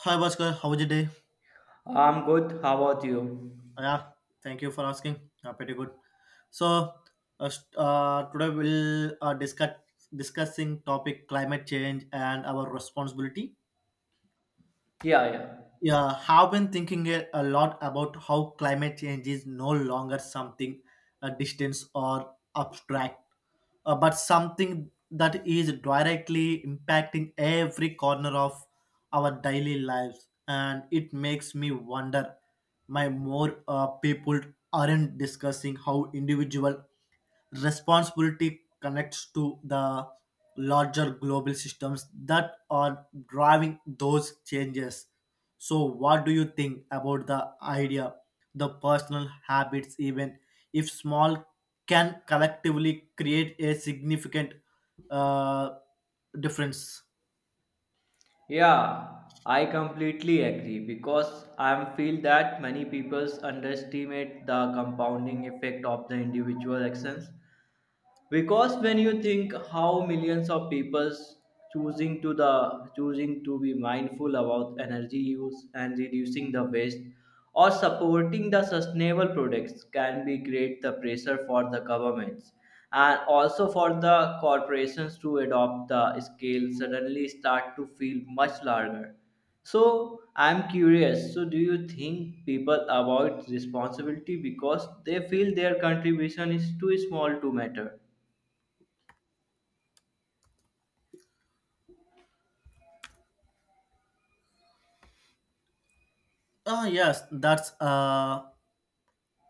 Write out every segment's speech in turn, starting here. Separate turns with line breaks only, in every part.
Hi Bhaskar, how was your day?
I'm good. How about you?
Yeah, thank you for asking. Yeah, pretty good. So, Today we'll discuss discussing topic climate change and our responsibility.
Yeah, yeah.
Yeah, have been thinking a lot about how climate change is no longer something distant or abstract, but something that is directly impacting every corner of our daily lives. And it makes me wonder, why more people aren't discussing how individual responsibility connects to the larger global systems that are driving those changes. So, what do you think about the idea? The personal habits, even if small, can collectively create a significant uh, difference.
Yeah, I completely agree because I feel that many people underestimate the compounding effect of the individual actions. Because when you think how millions of people choosing to be mindful about energy use and reducing the waste or supporting the sustainable products can be create the pressure for the governments and also for the corporations to adopt the scale suddenly start to feel much larger. So I'm curious, so do you think people avoid responsibility because they feel their contribution is too small to matter?
Ah, yes, that's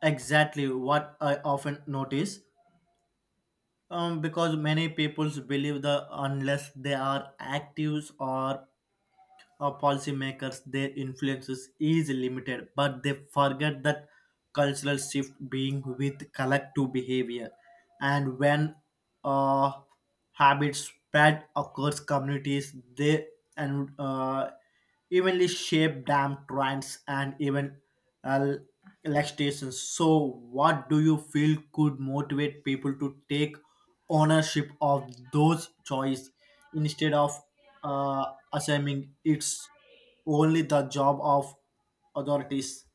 exactly what I often notice. Because many people believe that unless they are active or policymakers, their influences is limited, but they forget that cultural shift being with collective behavior, and when uh, habits spread across communities, they and evenly shape dam trends and even uh, elections. So what do you feel could motivate people to take ownership of those choices instead of uh, assuming it's only the job of authorities?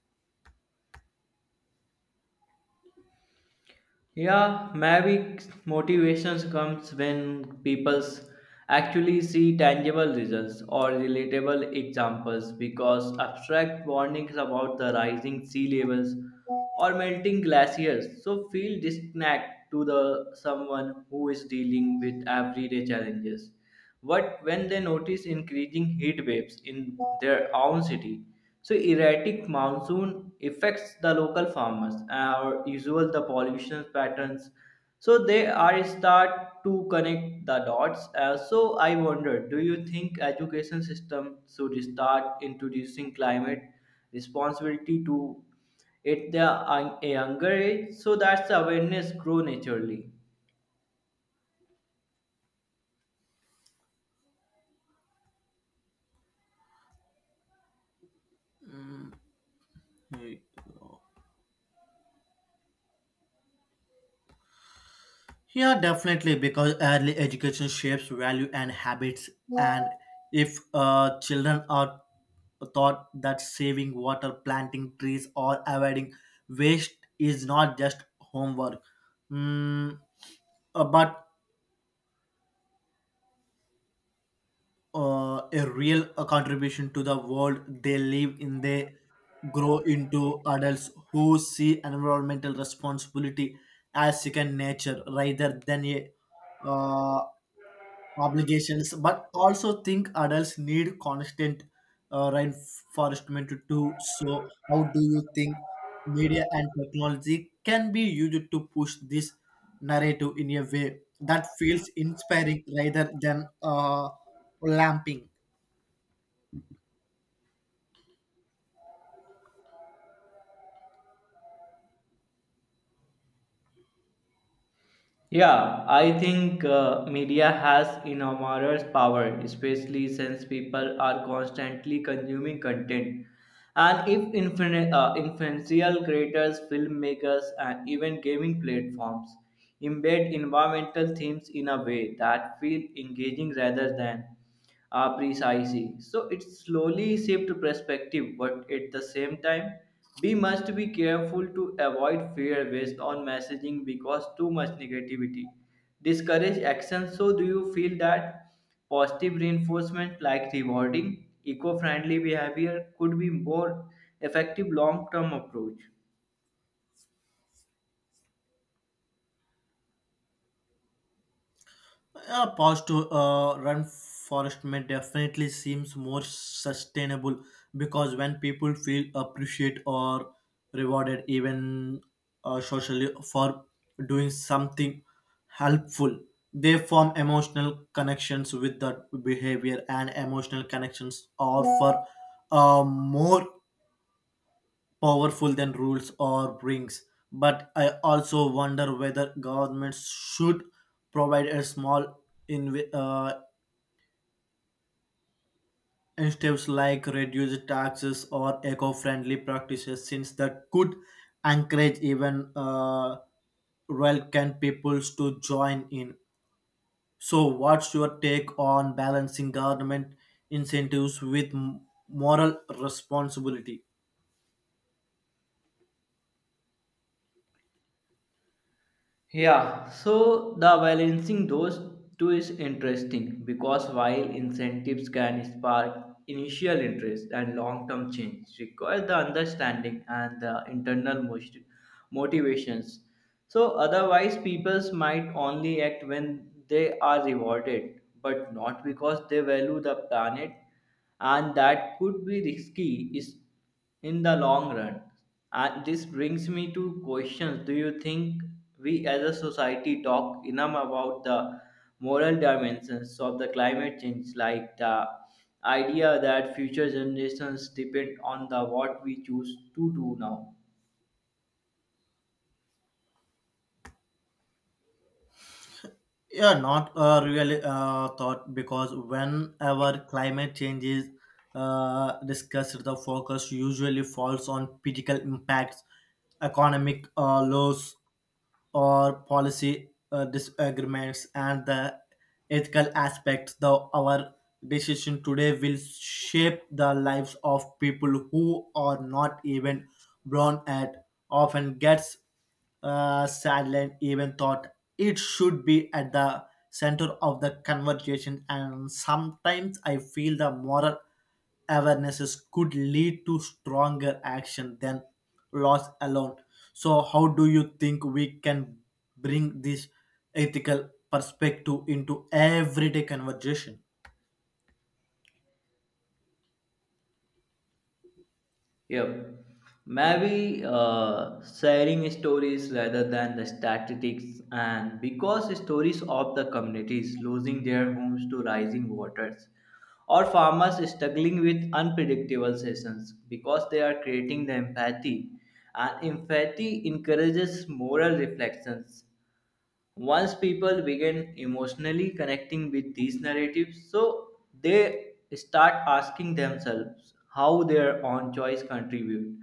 Yeah, maybe motivations comes when people actually see tangible results or relatable examples because abstract warnings about the rising sea levels or melting glaciers so feel disconnect to the someone who is dealing with everyday challenges. But when they notice increasing heat waves in their own city, so erratic monsoon affects the local farmers, or usual the pollution patterns. So they are start to connect the dots. So I wonder, do you think education system should start introducing climate responsibility to at the younger age so that the awareness grow naturally?
Hmm. Yeah, definitely, because early education shapes value and habits. And if children are taught that saving water, planting trees, or avoiding waste is not just homework, mm, but a real contribution to the world they live in, they grow into adults who see environmental responsibility as second nature rather than a uh, obligations, but also think adults need constant reinforcement too. So, how do you think media and technology can be used to push this narrative in a way that feels inspiring rather than lamping?
Yeah, I think media has enormous power, especially since people are constantly consuming content. And if influential creators, filmmakers, and even gaming platforms embed environmental themes in a way that feel engaging rather than... Ah, precisely. So it slowly shift perspective, but at the same time, we must be careful to avoid fear based on messaging because too much negativity discourage action. So do you feel that positive reinforcement like rewarding eco-friendly behavior could be more effective long-term approach?
A pause to run forest may definitely seems more sustainable because when people feel appreciated or rewarded, even socially, for doing something helpful, they form emotional connections with that behavior, and emotional connections offer more powerful than rules or brings. But I also wonder whether governments should provide a small in, uh, incentives like reduced taxes or eco-friendly practices, since that could encourage even can peoples to join in. So, what's your take on balancing government incentives with moral responsibility?
Yeah, so the balancing those two is interesting because while incentives can spark initial interest and long term change require the understanding and the internal motivations. So otherwise people might only act when they are rewarded but not because they value the planet, and that could be risky is in the long run. And this brings me to questions. Do you think we as a society talk enough about the moral dimensions of the climate change, like the idea that future generations depend on the what we choose to do now?
Yeah, not a really thought because whenever climate change is discussed, the focus usually falls on political impacts, economic loss, or policy disagreements, and the ethical aspects, the our decision today will shape the lives of people who are not even born at, often gets silent even thought it should be at the center of the conversation. And sometimes I feel the moral awarenesses could lead to stronger action than laws alone. So, how do you think we can bring this ethical perspective into everyday conversation?
Yep. Maybe sharing stories rather than the statistics, and because stories of the communities losing their homes to rising waters, or farmers struggling with unpredictable seasons, because they are creating the empathy, and empathy encourages moral reflections once people begin emotionally connecting with these narratives, so they start asking themselves how their own choice contribute.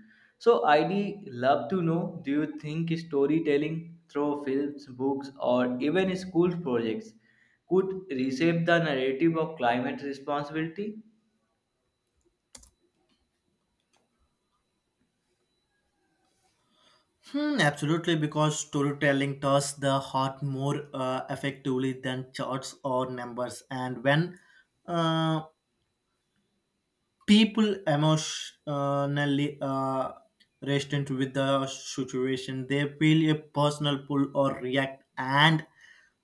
So I'd love to know, do you think storytelling through films, books, or even school projects could reshape the narrative of climate responsibility?
Hmm, absolutely, because storytelling touches the heart more effectively than charts or numbers. And when uh, people emotionally resistant with the situation, they feel a personal pull or react, and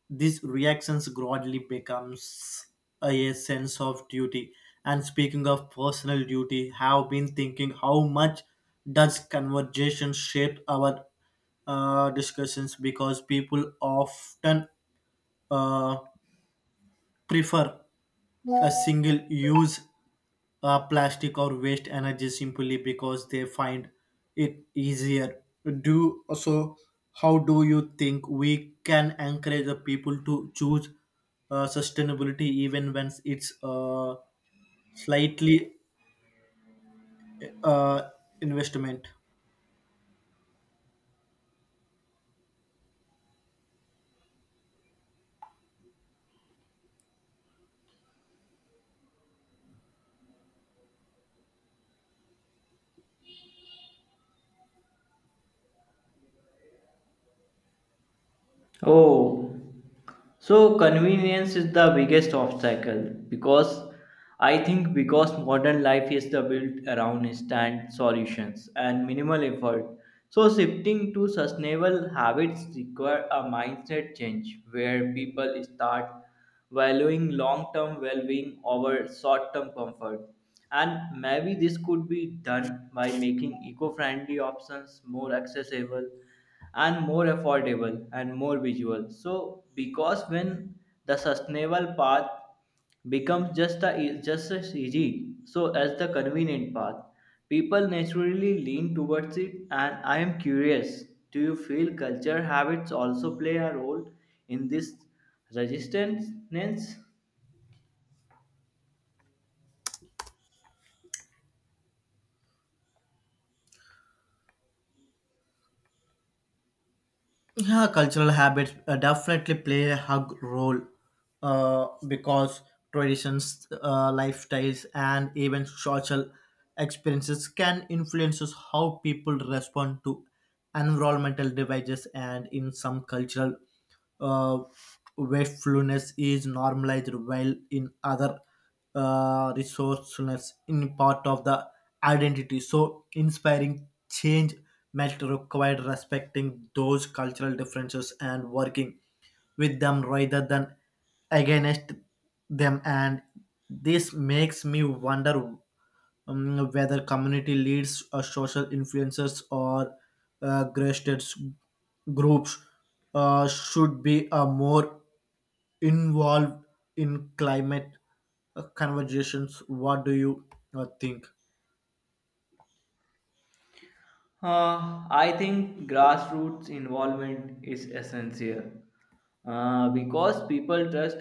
these reactions gradually becomes a sense of duty. And speaking of personal duty, have been thinking how much does conversation shape our discussions because people often uh, prefer a single use plastic or waste energy simply because they find it easier. Do so. How do you think we can encourage the people to choose sustainability even when it's slightly uh, investment?
Oh, so convenience is the biggest obstacle because I think because modern life is the built around instant solutions and minimal effort. So shifting to sustainable habits require a mindset change where people start valuing long-term well-being over short-term comfort. And maybe this could be done by making eco-friendly options more accessible and more affordable and more visual. So because when the sustainable path becomes just as easy so as the convenient path, people naturally lean towards it. And I am curious, do you feel culture habits also play a role in this resistance?
Yeah, cultural habits definitely play a hug role because traditions, lifestyles, and even social experiences can influences how people respond to environmental devices. And in some cultural uh, wastefulness is normalized, while in other resourcefulness in part of the identity. So inspiring change might require respecting those cultural differences and working with them rather than against them. And this makes me wonder whether community leaders, or social influencers, or grassroots groups should be more involved in climate conversations. What do you think?
I think grassroots involvement is essential because people trust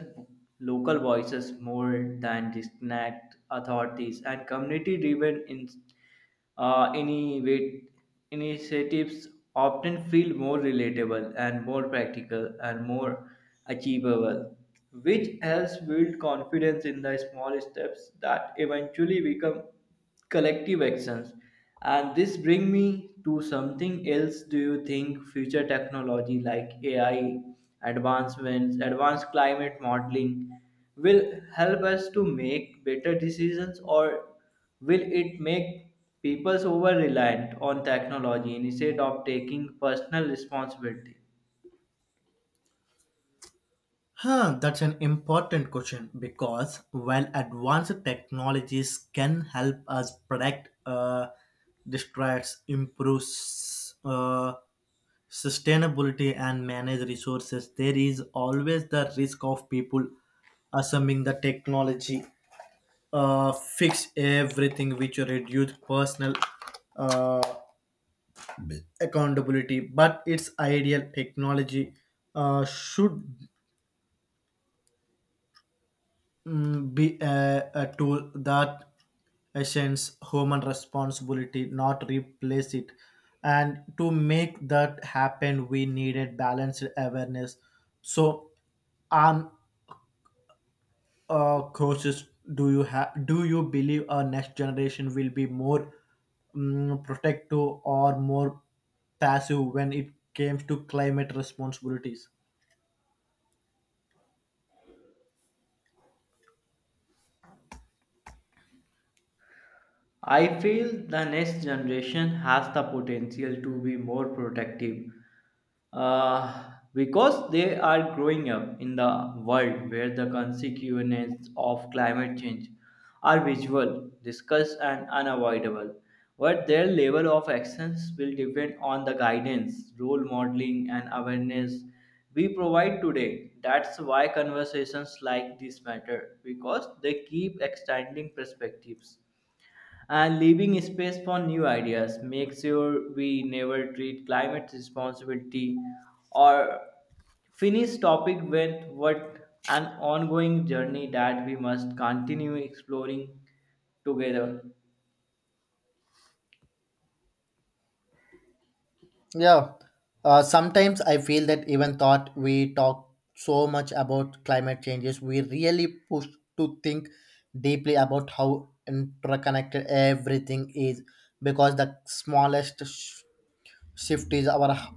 local voices more than distant authorities, and community driven uh, innovat- initiatives often feel more relatable and more practical and more achievable, which helps build confidence in the small steps that eventually become collective actions. And this brings me to something else. Do you think future technology like AI, advancements, advanced climate modeling will help us to make better decisions, or will it make people over reliant on technology instead of taking personal responsibility?
Huh, that's an important question because while advanced technologies can help us protect, distracts, improves sustainability, and manage resources, there is always the risk of people assuming the technology fix everything, which reduce personal uh, accountability. But its ideal technology should be a tool that essence human responsibility, not replace it. And to make that happen, we needed balanced awareness. so um Coaches, do you believe our next generation will be more protective or more passive when it comes to climate responsibilities?
I feel the next generation has the potential to be more protective because they are growing up in the world where the consequences of climate change are visual, discussed, and unavoidable. But their level of actions will depend on the guidance, role modeling, and awareness we provide today. That's why conversations like this matter because they keep extending perspectives and leaving space for new ideas. Make sure we never treat climate responsibility or finish topic with what an ongoing journey that we must continue exploring together.
Yeah, sometimes I feel that even thought we talk so much about climate changes, we really push to think deeply about how interconnected everything is, because the smallest shift is our h-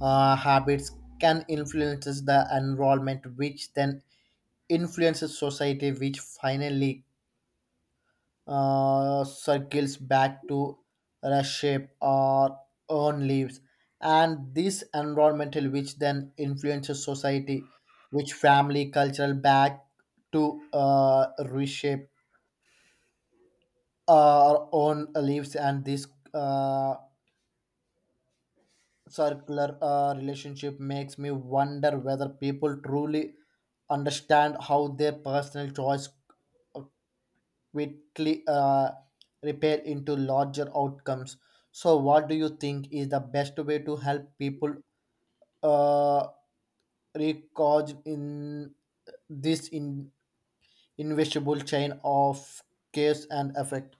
uh, habits can influences the environment, which then influences society, which finally circles back to reshape our own lives. And this environmental which then influences society which family cultural back to reshape our own lives. And this uh, circular relationship makes me wonder whether people truly understand how their personal choice quickly repair into larger outcomes. So, what do you think is the best way to help people uh, recharge in this invisible chain of cause and effect?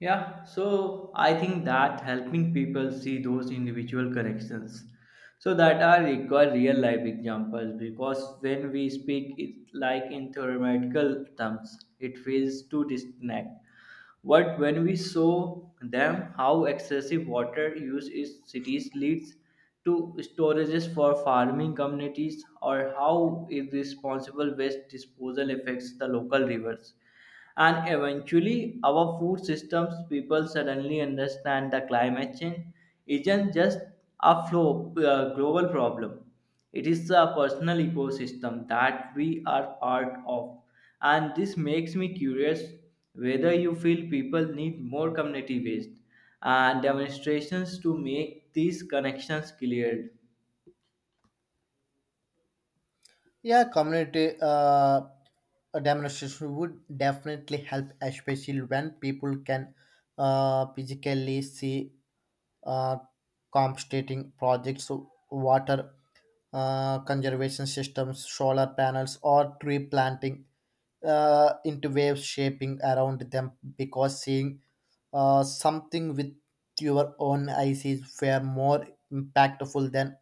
Yeah, so I think that helping people see those individual connections, so that are require real life examples because when we speak it like in theoretical terms, it feels too distant. But when we saw them how excessive water use in cities leads to storages for farming communities, or how irresponsible waste disposal affects the local rivers and eventually our food systems, people suddenly understand that climate change isn't just a flow, global problem. It is a personal ecosystem that we are part of. And this makes me curious whether you feel people need more community based and demonstrations to make these connections clear.
Yeah, community demonstration would definitely help, especially when people can physically see uh, compensating projects. So water conservation systems, solar panels, or tree planting into waves shaping around them, because seeing something with your own eyes is far more impactful than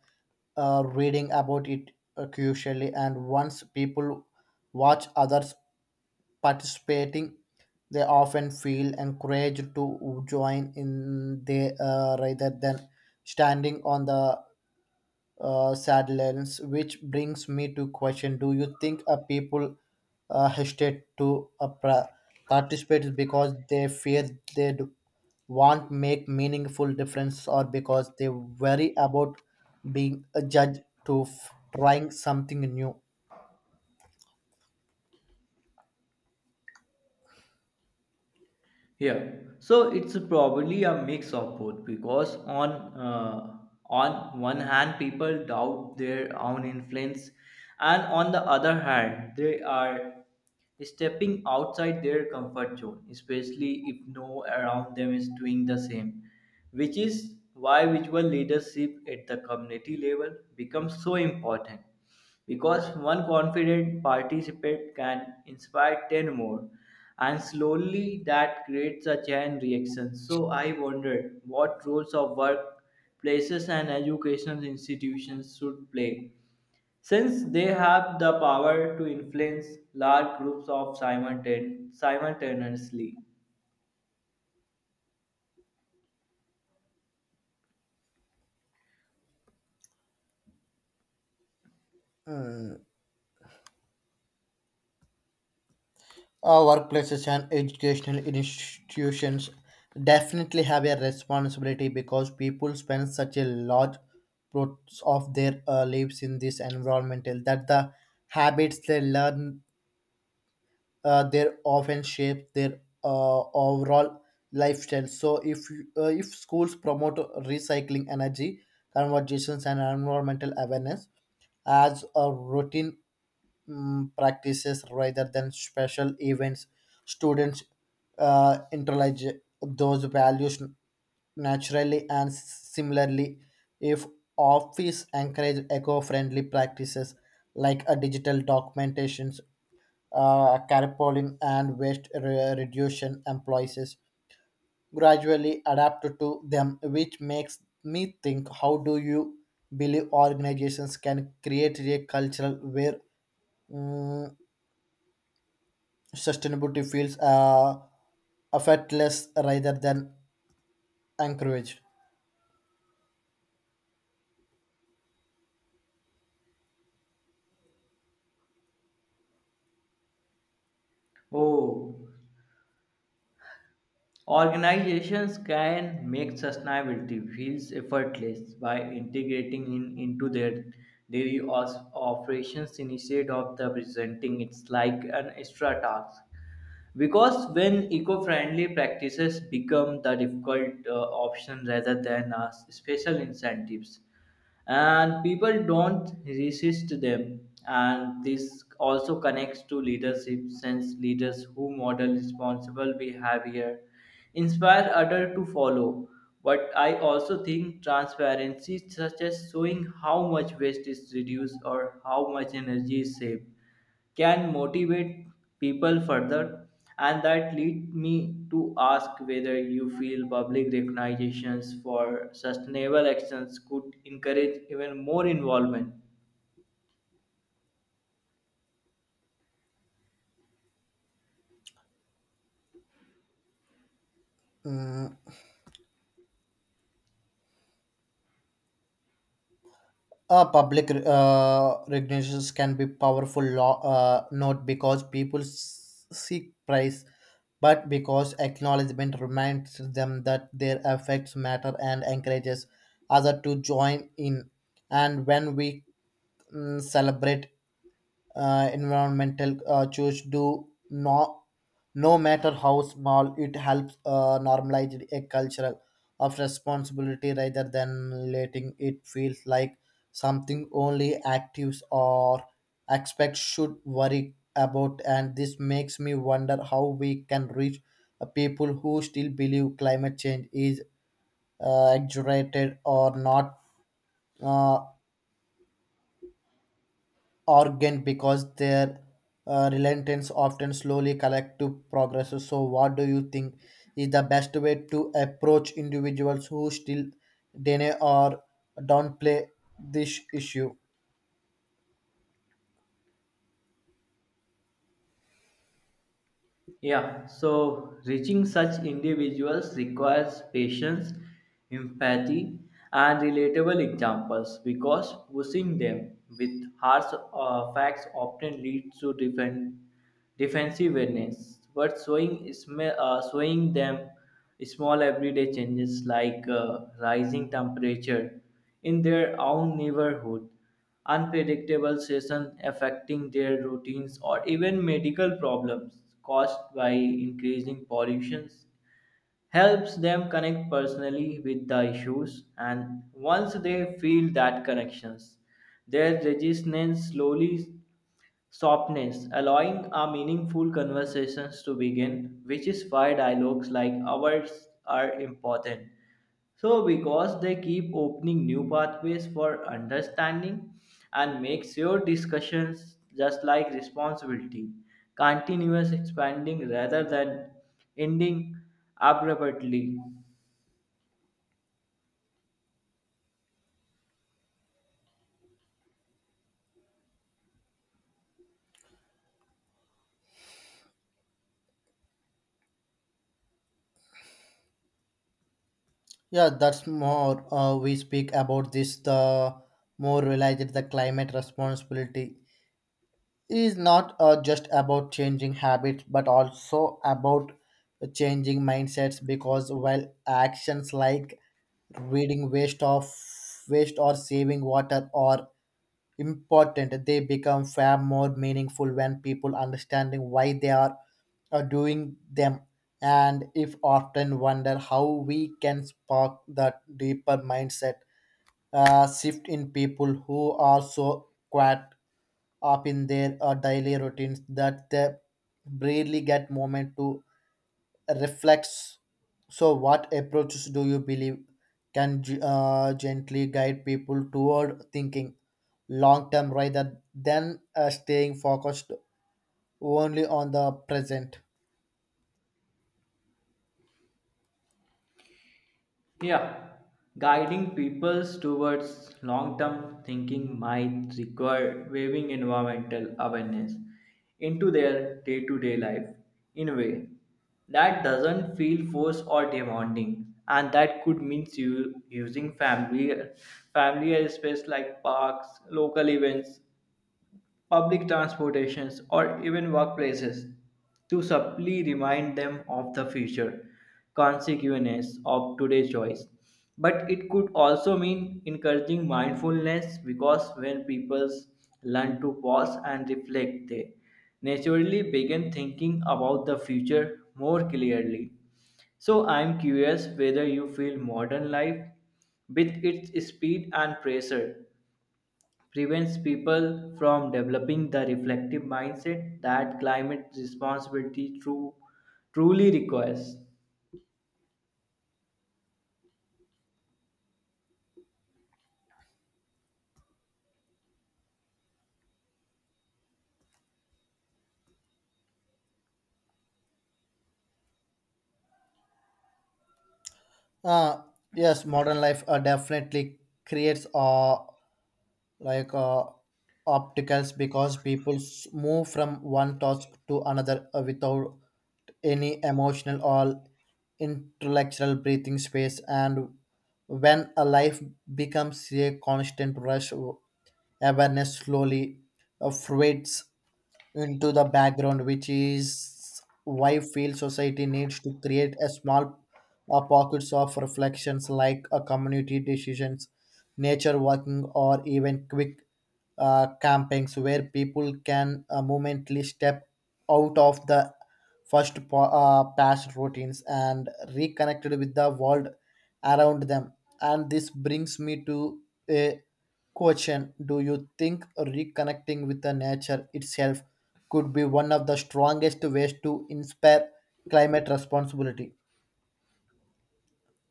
reading about it crucially. And once people watch others participating, they often feel encouraged to join in, they rather than standing on the sadness. Which brings me to question: do you think a people hesitate to participate because they fear they do, won't make meaningful difference, or because they worry about being a judge to trying something new?
Yeah, so it's probably a mix of both because on one hand people doubt their own influence, and on the other hand they are stepping outside their comfort zone, especially if no around them is doing the same, which is why visual leadership at the community level becomes so important because one confident participant can inspire 10 more and slowly that creates a chain reaction. So I wondered what roles of workplaces and educational institutions should play since they have the power to influence large groups of simultaneously.
Our workplaces and educational institutions definitely have a responsibility because people spend such a large parts of their lives in this environmental, that the habits they learn they often shape their overall lifestyle. So if schools promote recycling energy conversations and environmental awareness as a routine practices rather than special events. Students internalize those values naturally. And similarly, if office encourage eco-friendly practices like a digital documentations, carpooling and waste reduction, employees gradually adapt to them. Which makes me think, how do you believe organizations can create a culture where mm, sustainability feels effortless rather than encouraged?
Oh, organizations can make sustainability feels effortless by integrating into their operations instead of the presenting it's like an extra task. Because when eco-friendly practices become the difficult option rather than a special incentives, and people don't resist them. And this also connects to leadership since leaders who model responsible behavior inspire others to follow, but I also think transparency such as showing how much waste is reduced or how much energy is saved can motivate people further. And that lead me to ask whether you feel public recognitions for sustainable actions could encourage even more involvement.
Mm, Public recognitions can be powerful law, not because people seek praise, but because acknowledgement reminds them that their effects matter and encourages others to join in. And when we celebrate environmental choice do no no matter how small, it helps normalize a cultural of responsibility rather than letting it feel like something only actives or expects should worry about. And this makes me wonder how we can reach people who still believe climate change is exaggerated or not uh, organ, because their relentless often slowly collective progresses. So, what do you think is the best way to approach individuals who still deny or downplay this issue?
Yeah, so reaching such individuals requires patience, empathy, and relatable examples because pushing them with harsh facts often leads to defensiveness. But showing them small everyday changes like rising temperature in their own neighborhood, unpredictable seasons affecting their routines, or even medical problems caused by increasing pollution helps them connect personally with the issues. And once they feel that connections, their resistance slowly softness, allowing a meaningful conversations to begin, which is why dialogues like ours are important. So, because they keep opening new pathways for understanding and makes your discussions just like responsibility, continuous expanding rather than ending abruptly.
Yeah, that's more we speak about this, the more realized the climate responsibility is not just about changing habits but also about changing mindsets, because while actions like reading waste of waste or saving water are important, they become far more meaningful when people understanding why they are doing them. And if often wonder how we can spark that deeper mindset shift in people who are so caught up in their daily routines that they barely get moment to reflects. So, what approaches do you believe can gently guide people toward thinking long term rather than staying focused only on the present?
Yeah, guiding people towards long term thinking might require waiving environmental awareness into their day to day life in a way that doesn't feel forced or demanding. And that could mean you using familiar space like parks, local events, public transportations, or even workplaces to subtly remind them of the future consequences of today's choice. But it could also mean encouraging mindfulness because when people learn to pause and reflect, they naturally begin thinking about the future more clearly. So I'm curious whether you feel modern life with its speed and pressure prevents people from developing the reflective mindset that climate responsibility truly requires.
Uh, yes, modern life definitely creates like uh, opticals, because people move from one task to another without any emotional or intellectual breathing space. And when a life becomes a constant rush, awareness slowly fades into the background, which is why field society needs to create a small pockets of reflections like a community decisions, nature walking, or even quick campings where people can momently step out of the past routines and reconnected with the world around them. And this brings me to a question: do you think reconnecting with the nature itself could be one of the strongest ways to inspire climate responsibility?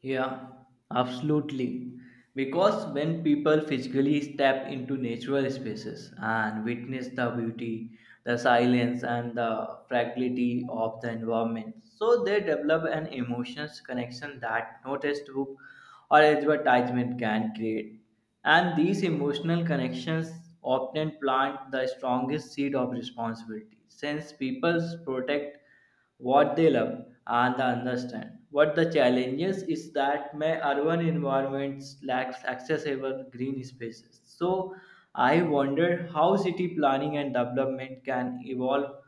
Yeah, absolutely. Because when people physically step into natural spaces and witness the beauty, the silence, and the fragility of the environment, so they develop an emotional connection that no textbook or advertisement can create. And these emotional connections often plant the strongest seed of responsibility, since people protect what they love and understand. What the challenges is that my urban environments lacks accessible green spaces. So I wonder how city planning and development can evolve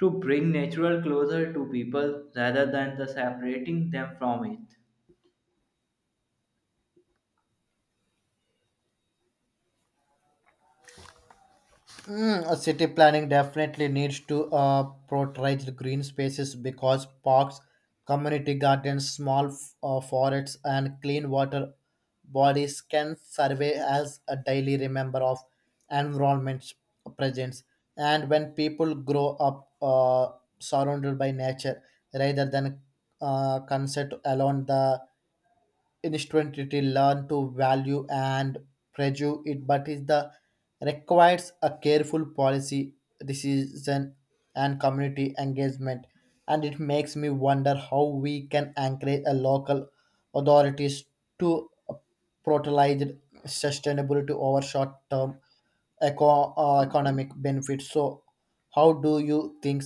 to bring natural closer to people rather than the separating them from it.
City planning definitely needs to prioritize the green spaces, because parks, community gardens, small forests, and clean water bodies can serve as a daily remember of environment's presence. And when people grow up surrounded by nature rather than consent alone, the instantly learn to value and prejudice it, but is the requires a careful policy decision and community engagement. And it makes me wonder how we can encourage a local authorities to prioritize sustainability over short-term economic benefits. So, how do you think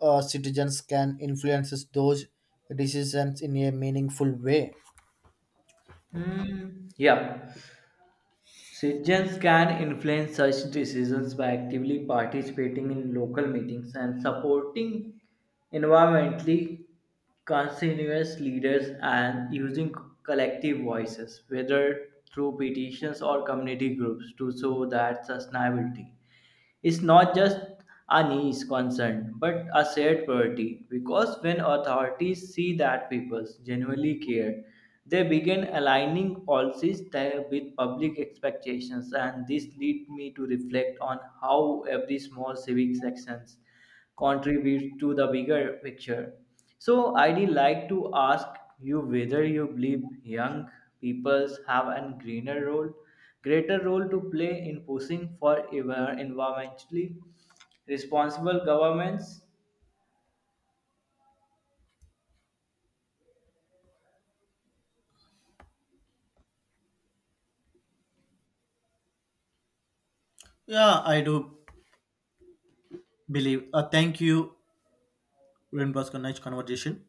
citizens can influence those decisions in a meaningful way?
Hmm. Yeah. Citizens can influence such decisions by actively participating in local meetings and supporting environmentally conscientious leaders and using collective voices, whether through petitions or community groups, to show that sustainability is not just a niche concern but a shared priority because when authorities see that people genuinely care, they begin aligning policies there with public expectations. And this lead me to reflect on how every small civic actions contributes to the bigger picture. So, I'd like to ask you whether you believe young peoples have a greater role to play in pushing for environmentally responsible governments.
Yeah, I do believe. Thank you, Ren, for a nice conversation.